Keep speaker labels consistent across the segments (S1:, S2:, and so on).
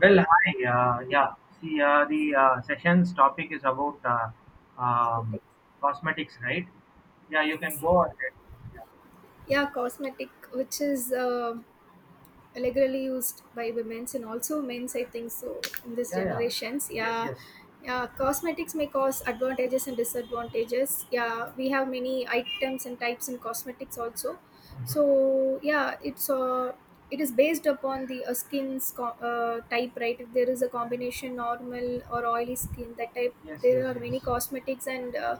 S1: Well, hi. Yeah. See, the session's topic is about um,
S2: Cosmetics.
S1: cosmetics, right? Yeah, you can go ahead. Yeah,
S2: Yeah, cosmetic, which is regularly used by women's and also men's, I think so, in this
S1: yeah. yeah.
S2: generations.
S1: Yes,
S2: Yeah,
S1: yes.
S2: yeah, cosmetics may cause advantages and disadvantages. Yeah, we have many items and types in cosmetics also.
S1: Mhm.
S2: So yeah, it is based upon the skin's type, right? If there is a combination normal or oily skin, that type,
S1: Yes,
S2: there
S1: yes,
S2: are many
S1: yes.
S2: cosmetics and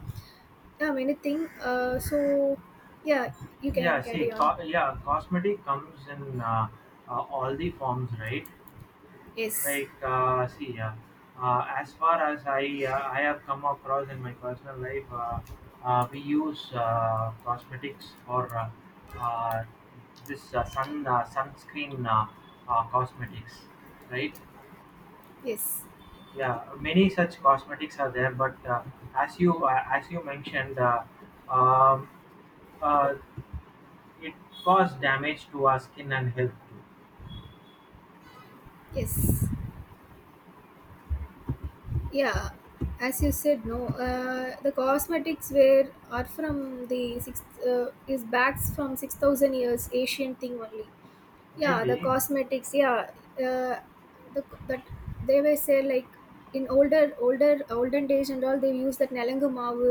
S2: yeah, many thing. So yeah, you
S1: Yeah,
S2: can
S1: see,
S2: carry on.
S1: yeah, cosmetic comes in all the forms, right?
S2: Yes.
S1: like see As far as I have come across in my personal life, we use cosmetics for uh, this sun sunscreen, cosmetics, right?
S2: Yes,
S1: Yeah, many such cosmetics are there, but as you mentioned, um, uh, it causes damage to our skin and health too.
S2: yes. Yeah, as you said, no. The cosmetics were are from the six is backs from 6,000 years ancient thing only. Yeah, the
S1: Really?
S2: cosmetics, yeah. Uh, the that they were say like in older olden days and all, they use that nelangu maavu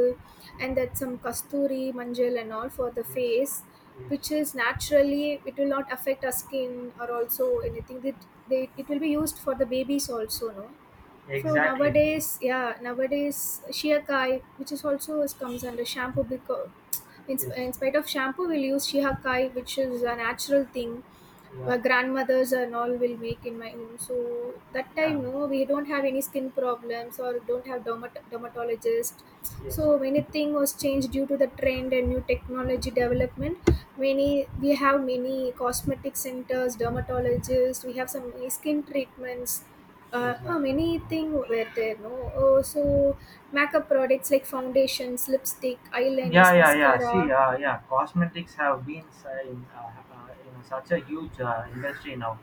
S2: and that some kasturi manjal and all for the
S1: Yes,
S2: face,
S1: yes,
S2: which is naturally it will not affect our skin, or also anything that they it will be used for the babies also, no. So
S1: exactly.
S2: nowadays, yeah, nowadays, shiakai, which is also is comes under shampoo because
S1: Yes,
S2: in spite of shampoo we'll use shiakai, which is a natural thing.
S1: yeah,
S2: My grandmothers and all will make in my home. So that
S1: yeah,
S2: time, no, we don't have any skin problems or don't have dermatologist.
S1: yes,
S2: So many thing was changed due to the trend and new technology development. Many We have many cosmetic centers, dermatologists. We have some many skin treatments.
S1: exactly.
S2: Many thing were there, no. Oh, so makeup products like foundations, lipstick, eyeliners,
S1: Yeah. See,
S2: mascara.
S1: yeah, cosmetics have been in such a huge industry now.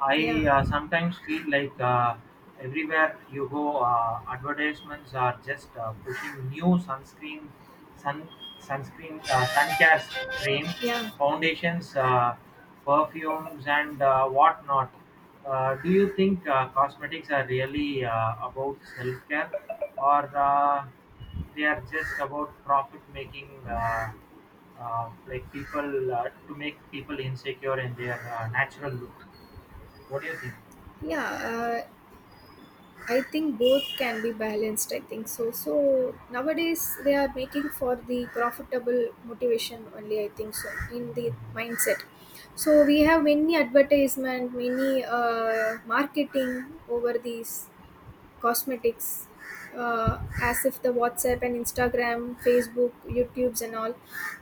S1: I
S2: Yeah,
S1: sometimes feel like everywhere you go, advertisements are just pushing new sunscreen, sun sunscreen, cream,
S2: yeah,
S1: foundations, perfumes, and whatnot. Do you think cosmetics are really about self care, or they are just about profit making, like people to make people insecure in their natural look? What do you think?
S2: yeah, uh, I think both can be balanced. I think so. So nowadays they are making for the profitable motivation only, I think so, in the
S1: Mhm.
S2: mindset. So we have many advertisement, many marketing over these cosmetics, as if the WhatsApp and Instagram, Facebook, YouTube's and all,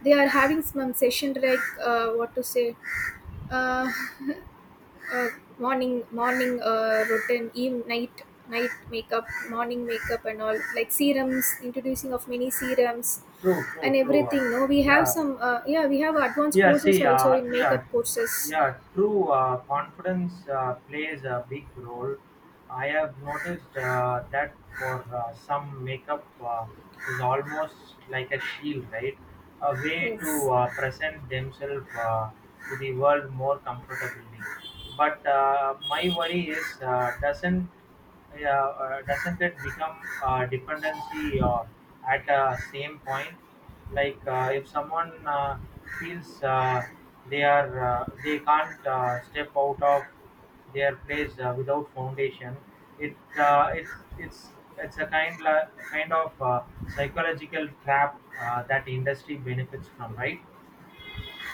S2: they are having some session like what to say. Uh, uh, morning routine, eve night, night makeup, morning makeup and all, like serums, introducing of many serums
S1: True, true,
S2: and
S1: true.
S2: everything, no, we have
S1: Yeah,
S2: some yeah, we have advanced
S1: Yeah,
S2: courses
S1: see,
S2: also in makeup courses.
S1: yeah, true. Confidence plays a big role. I have noticed that for some, makeup is almost like a shield, right? A way to
S2: Yes,
S1: present themselves to the world more comfortably. But my worry is, doesn't it become dependency at a same point? Like, if someone feels they are they can't step out of their place without foundation, it's it's a kind of psychological trap that industry benefits from, right?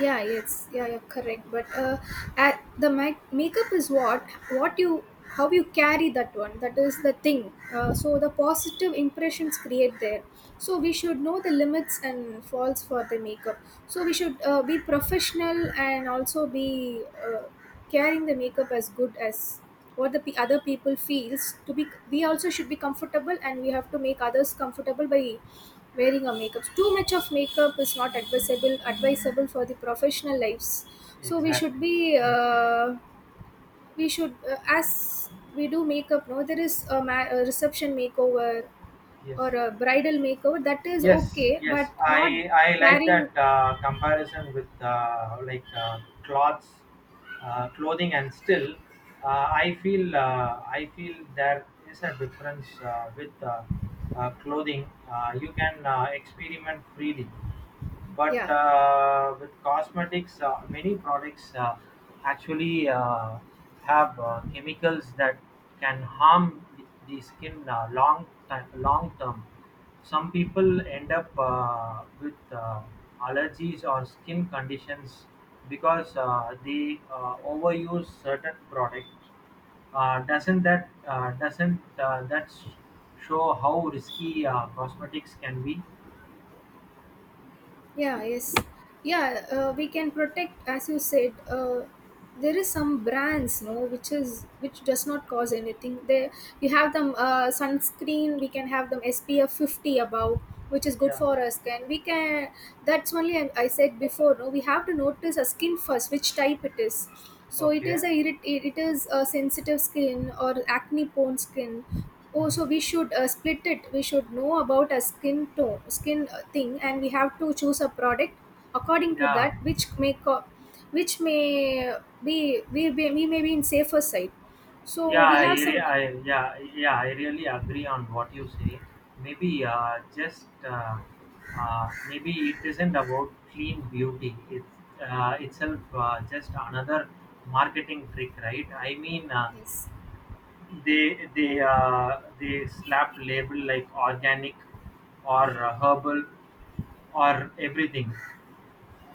S2: yeah. Yes, yeah, you're correct, but at the makeup is what you, how you carry that one, that is the thing. So the positive impressions create there. So we should know the limits and faults for the makeup. So we should be professional and also be carrying the makeup as good as what the other people feels to be. We also should be comfortable, and we have to make others comfortable by wearing our makeup. Too much of makeup is not advisable for the professional lives. So
S1: Exactly.
S2: we should, as we do makeup, no, there is a reception makeover
S1: Yes.
S2: or a bridal makeover, that is
S1: Yes,
S2: okay but
S1: yes.
S2: not
S1: I like
S2: carrying,
S1: that comparison with clothes, clothing, and still, I feel there is a difference with clothing. You can experiment freely. But
S2: yeah.
S1: with cosmetics, many products actually have chemicals that can harm the skin long term. Some people end up with allergies or skin conditions because they overuse certain products. Doesn't that show how risky cosmetics can be?
S2: Yeah, yes. Yeah, we can protect, as you said, there is some brands, no, which does not cause anything. They You have them sunscreen. We can have them SPF 50 above, which is good
S1: Yeah.
S2: for us. Can We can. That's only I said before. No, we have to notice our skin first, which type it is. So
S1: Okay.
S2: it is a sensitive skin or acne prone skin. Oh, so we should split it. We should know about a skin tone, skin thing, and we have to choose a product according to
S1: Yeah,
S2: that, which may be we may be in safer side. So
S1: yeah,
S2: we have some.
S1: I really agree on what you say. Maybe, just maybe it isn't about clean beauty. It's itself just another marketing trick, right? I mean, uh,
S2: Yes,
S1: they they uh, they slap label like organic or herbal or everything.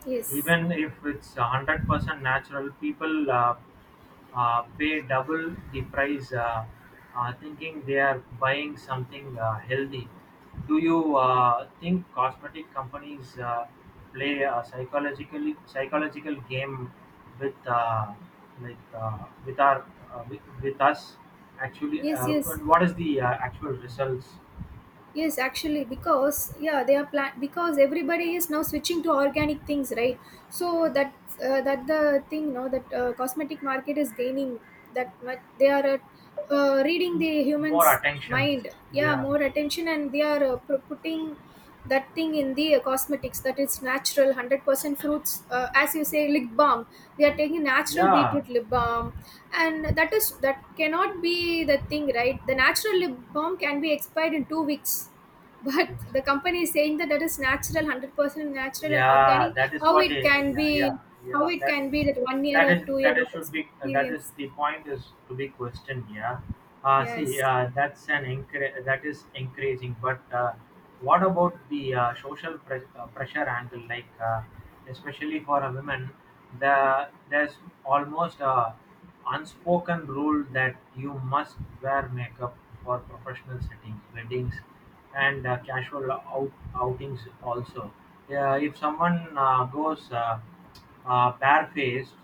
S2: yes.
S1: Even if it's 100% natural, people pay double the price, thinking they are buying something healthy. Do you think cosmetic companies play a psychological game with like uh, with our, with us actually?
S2: Yes, yes.
S1: And what is the actual results?
S2: Yes, actually, because yeah, they are plan because everybody is now switching to organic things, right? So that, that the thing, no, that cosmetic market is gaining that much. They are reading the
S1: More
S2: humans'
S1: attentions.
S2: mind, yeah,
S1: Yeah.
S2: more attention, and they are putting that thing in the cosmetics that is natural 100% fruits, as you say, lip balm, they are taking natural
S1: Yeah.
S2: beetroot lip balm. And that is that cannot be the thing, right? The natural lip balm can be expired in 2 weeks. But
S1: Yes.
S2: the company is saying that that is natural, 100% natural and
S1: Yeah,
S2: organic.
S1: that is
S2: How
S1: what they.
S2: it can
S1: Yeah,
S2: be?
S1: yeah,
S2: How
S1: yeah.
S2: it
S1: That
S2: can be that 1 year
S1: that
S2: or
S1: is,
S2: 2 year
S1: that is
S2: of
S1: should be, that is
S2: experience?
S1: the point is to be questioned. Yeah.
S2: Yes,
S1: That's an that is encouraging. But what about the social pressure angle? Like, especially for a woman, there's almost a unspoken rule that you must wear makeup for professional settings, weddings, and casual outings also. Yeah, if someone goes barefaced,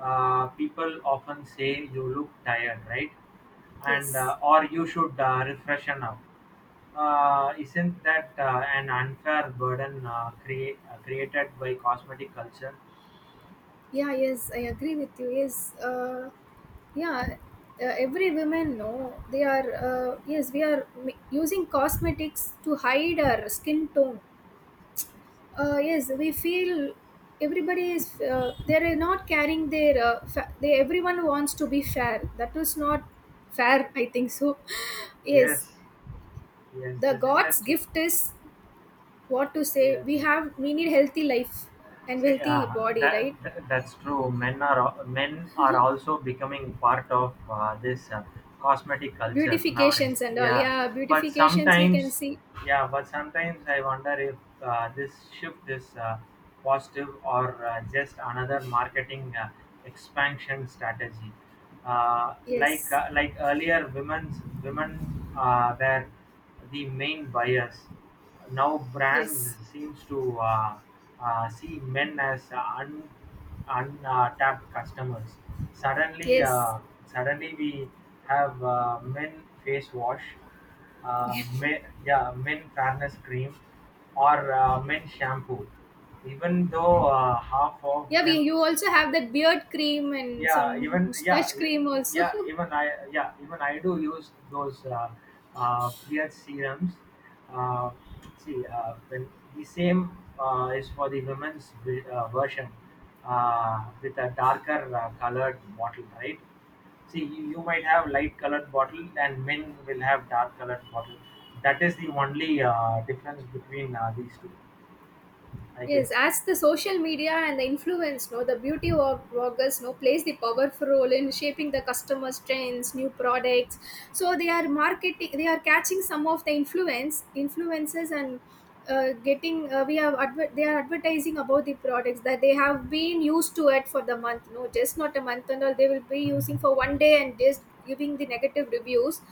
S1: people often say you look tired, right? And
S2: yes.
S1: or you should refreshen up. Isn't that an unfair burden, created by cosmetic culture?
S2: Yeah, yes, I agree with you, yes. Yeah, every women know they are, yes, we are using cosmetics to hide our skin tone. Yes, we feel everybody is, they're not carrying their they, everyone wants to be fair, that is not fair. I think so. Yes.
S1: Yes, yes,
S2: The
S1: this
S2: god's
S1: industry.
S2: gift is what to say.
S1: Yes,
S2: We need healthy life and
S1: see,
S2: healthy body, right?
S1: that's true. Men men are also becoming part of this cosmetic culture nowadays.
S2: Beautifications and all,
S1: Yeah,
S2: yeah,
S1: but
S2: beautifications we can
S1: sometimes,
S2: see.
S1: yeah, but sometimes I wonder if this shift is positive or just another marketing expansion strategy.
S2: Yes,
S1: Like earlier women were the main buyers, now brands
S2: yes,
S1: seems to see men as untapped customers. suddenly
S2: yes.
S1: uh, Suddenly we have men face wash, men fairness cream, or men shampoo, even though half of
S2: Yeah, we
S1: them
S2: you also have that beard cream and
S1: yeah
S2: some
S1: even yeah
S2: mustache
S1: y-
S2: cream also.
S1: yeah even I yeah even I do use those, uh, ph serums. Uh, see When the same is for the women's version with a darker colored bottle, right? See, you might have light colored bottle and men will have dark colored bottle. That is the only difference between these two, I
S2: Yes,
S1: guess.
S2: as the social media and the influence, no, the beauty of bloggers, no, plays the powerful role in shaping the customers' trends, new products. So they are marketing, they are catching some of the influences, and getting. They are advertising about the products that they have been used to it for the month, no, just not a month and all. They will be
S1: Mhm.
S2: using for 1 day and just giving the negative reviews,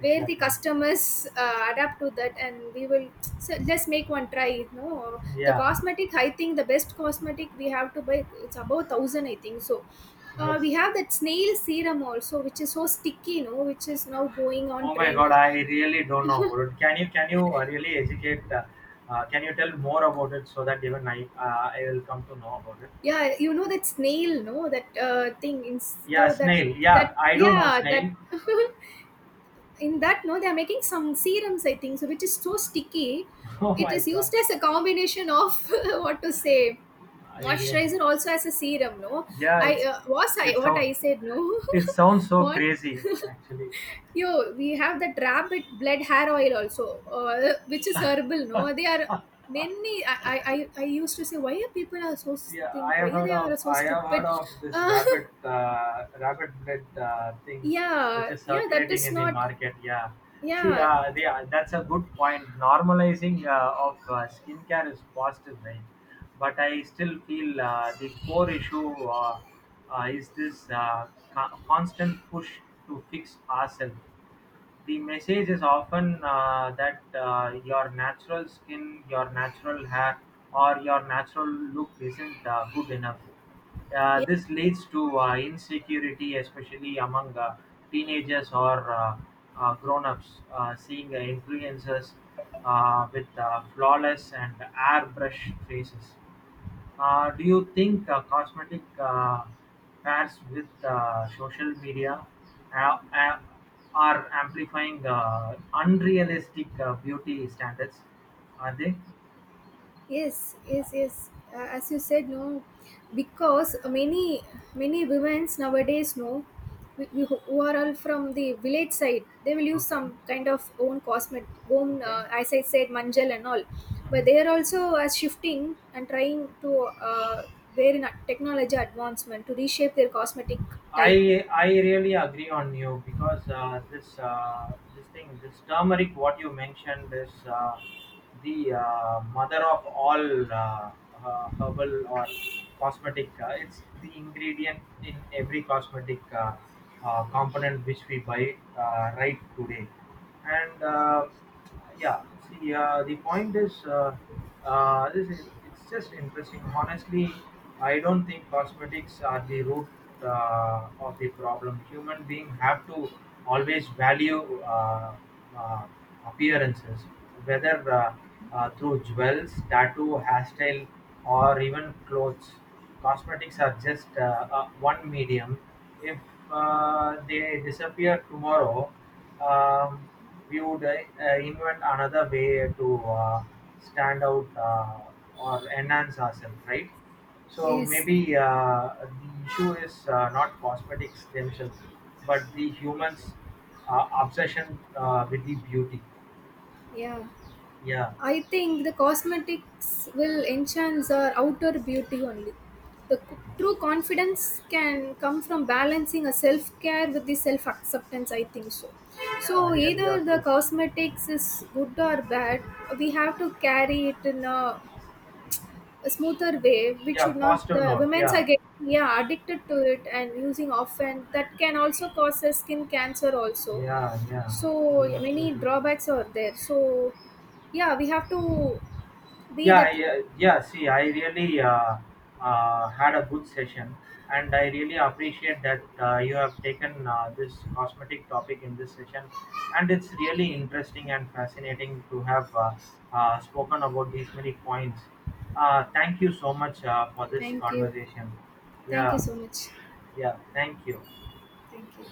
S2: where the
S1: Exactly.
S2: customers adapt to that, and we will. So let's make one try, no, the
S1: Yeah.
S2: cosmetic, I think the best cosmetic we have to buy, it's about 1,000, I think so.
S1: Yes.
S2: We have that snail serum also, which is so sticky, no, which is now going on
S1: Oh my
S2: trend.
S1: God, I really don't know about it. Can you really educate? Can you tell more about it so that even I will come to know about it?
S2: Yeah, you know that snail, no, that thing in,
S1: Yeah,
S2: though that
S1: snail. Yeah,
S2: that
S1: I do know
S2: yeah, that.
S1: snail.
S2: In that, no, they are making some serums, I think so, which is so sticky.
S1: Oh
S2: It
S1: my
S2: is
S1: God,
S2: used as a combination of what to say,
S1: I really,
S2: moisturizer also, as a serum, no.
S1: yeah,
S2: I
S1: it's
S2: was I
S1: it's
S2: What
S1: so,
S2: I said, no.
S1: it sounds so
S2: What?
S1: crazy actually.
S2: Yo, we have that rabbit blood hair oil also. Which is herbal, no, they are many. I used to say why are people are so
S1: Yeah,
S2: think why are they are so
S1: I have heard
S2: stupid.
S1: of this
S2: uh,
S1: rabbit blood thing, which
S2: yeah,
S1: is
S2: yeah, that
S1: circulating
S2: is
S1: in the
S2: not.
S1: market. Yeah, see,
S2: Yeah.
S1: that's a good point. Normalizing of skincare is positive, right? But I still feel the core issue is this constant push to fix ourselves. The message is often that your natural skin, your natural hair, or your natural look isn't good enough. This leads to insecurity, especially among teenagers or grown ups, seeing influencers with flawless and airbrush faces. Do you think cosmetic pairs with social media uh, uh, are amplifying unrealistic beauty standards? Are they?
S2: Yes, yes, yes. As you said, no, because many women nowadays, no, we who are all from the village side. They will use
S1: Okay.
S2: some kind of own cosmetic, own,
S1: Okay.
S2: as I said, manjal and all. But
S1: Mhm.
S2: they are also shifting and trying to, their technology advancement to reshape their cosmetic type.
S1: I really agree on you because this turmeric what you mentioned is the mother of all, herbal or cosmetic. It's the ingredient in every cosmetic component which we buy right today, and. Yeah See, the point is, this is it's just interesting honestly. I don't think cosmetics are the root of the problem. Human being have to always value uh, appearances, whether through jewels, tattoo, hairstyle, or even clothes. Cosmetics are just one medium. If they disappear tomorrow, um, we would invent another way to stand out or enhance ourselves, right? So
S2: Yes,
S1: maybe the issue is not cosmetics themselves, but the humans' obsession with the beauty.
S2: yeah.
S1: Yeah,
S2: I think the cosmetics will enhance our outer beauty only. The true confidence can come from balancing a self care with the self acceptance, I think so.
S1: yeah,
S2: So,
S1: really, yeah,
S2: either the
S1: true.
S2: cosmetics is good or bad, we have to carry it in a smoother way, which
S1: Yeah,
S2: should not,
S1: positive
S2: the
S1: note.
S2: women's are
S1: Yeah,
S2: getting, yeah, addicted to it and using often. That can also cause a skin cancer, also.
S1: yeah, yeah.
S2: So,
S1: You're
S2: many
S1: absolutely right.
S2: drawbacks are there. So, yeah, we have to be
S1: Yeah,
S2: the tea.
S1: See, I really had a good session, and I really appreciate that you have taken this cosmetic topic in this session, and it's really interesting and fascinating to have spoken about these many points. Thank you so much for this
S2: Thank you.
S1: conversation.
S2: Thank you
S1: Yeah,
S2: so much.
S1: yeah. Thank you.
S2: Thank you.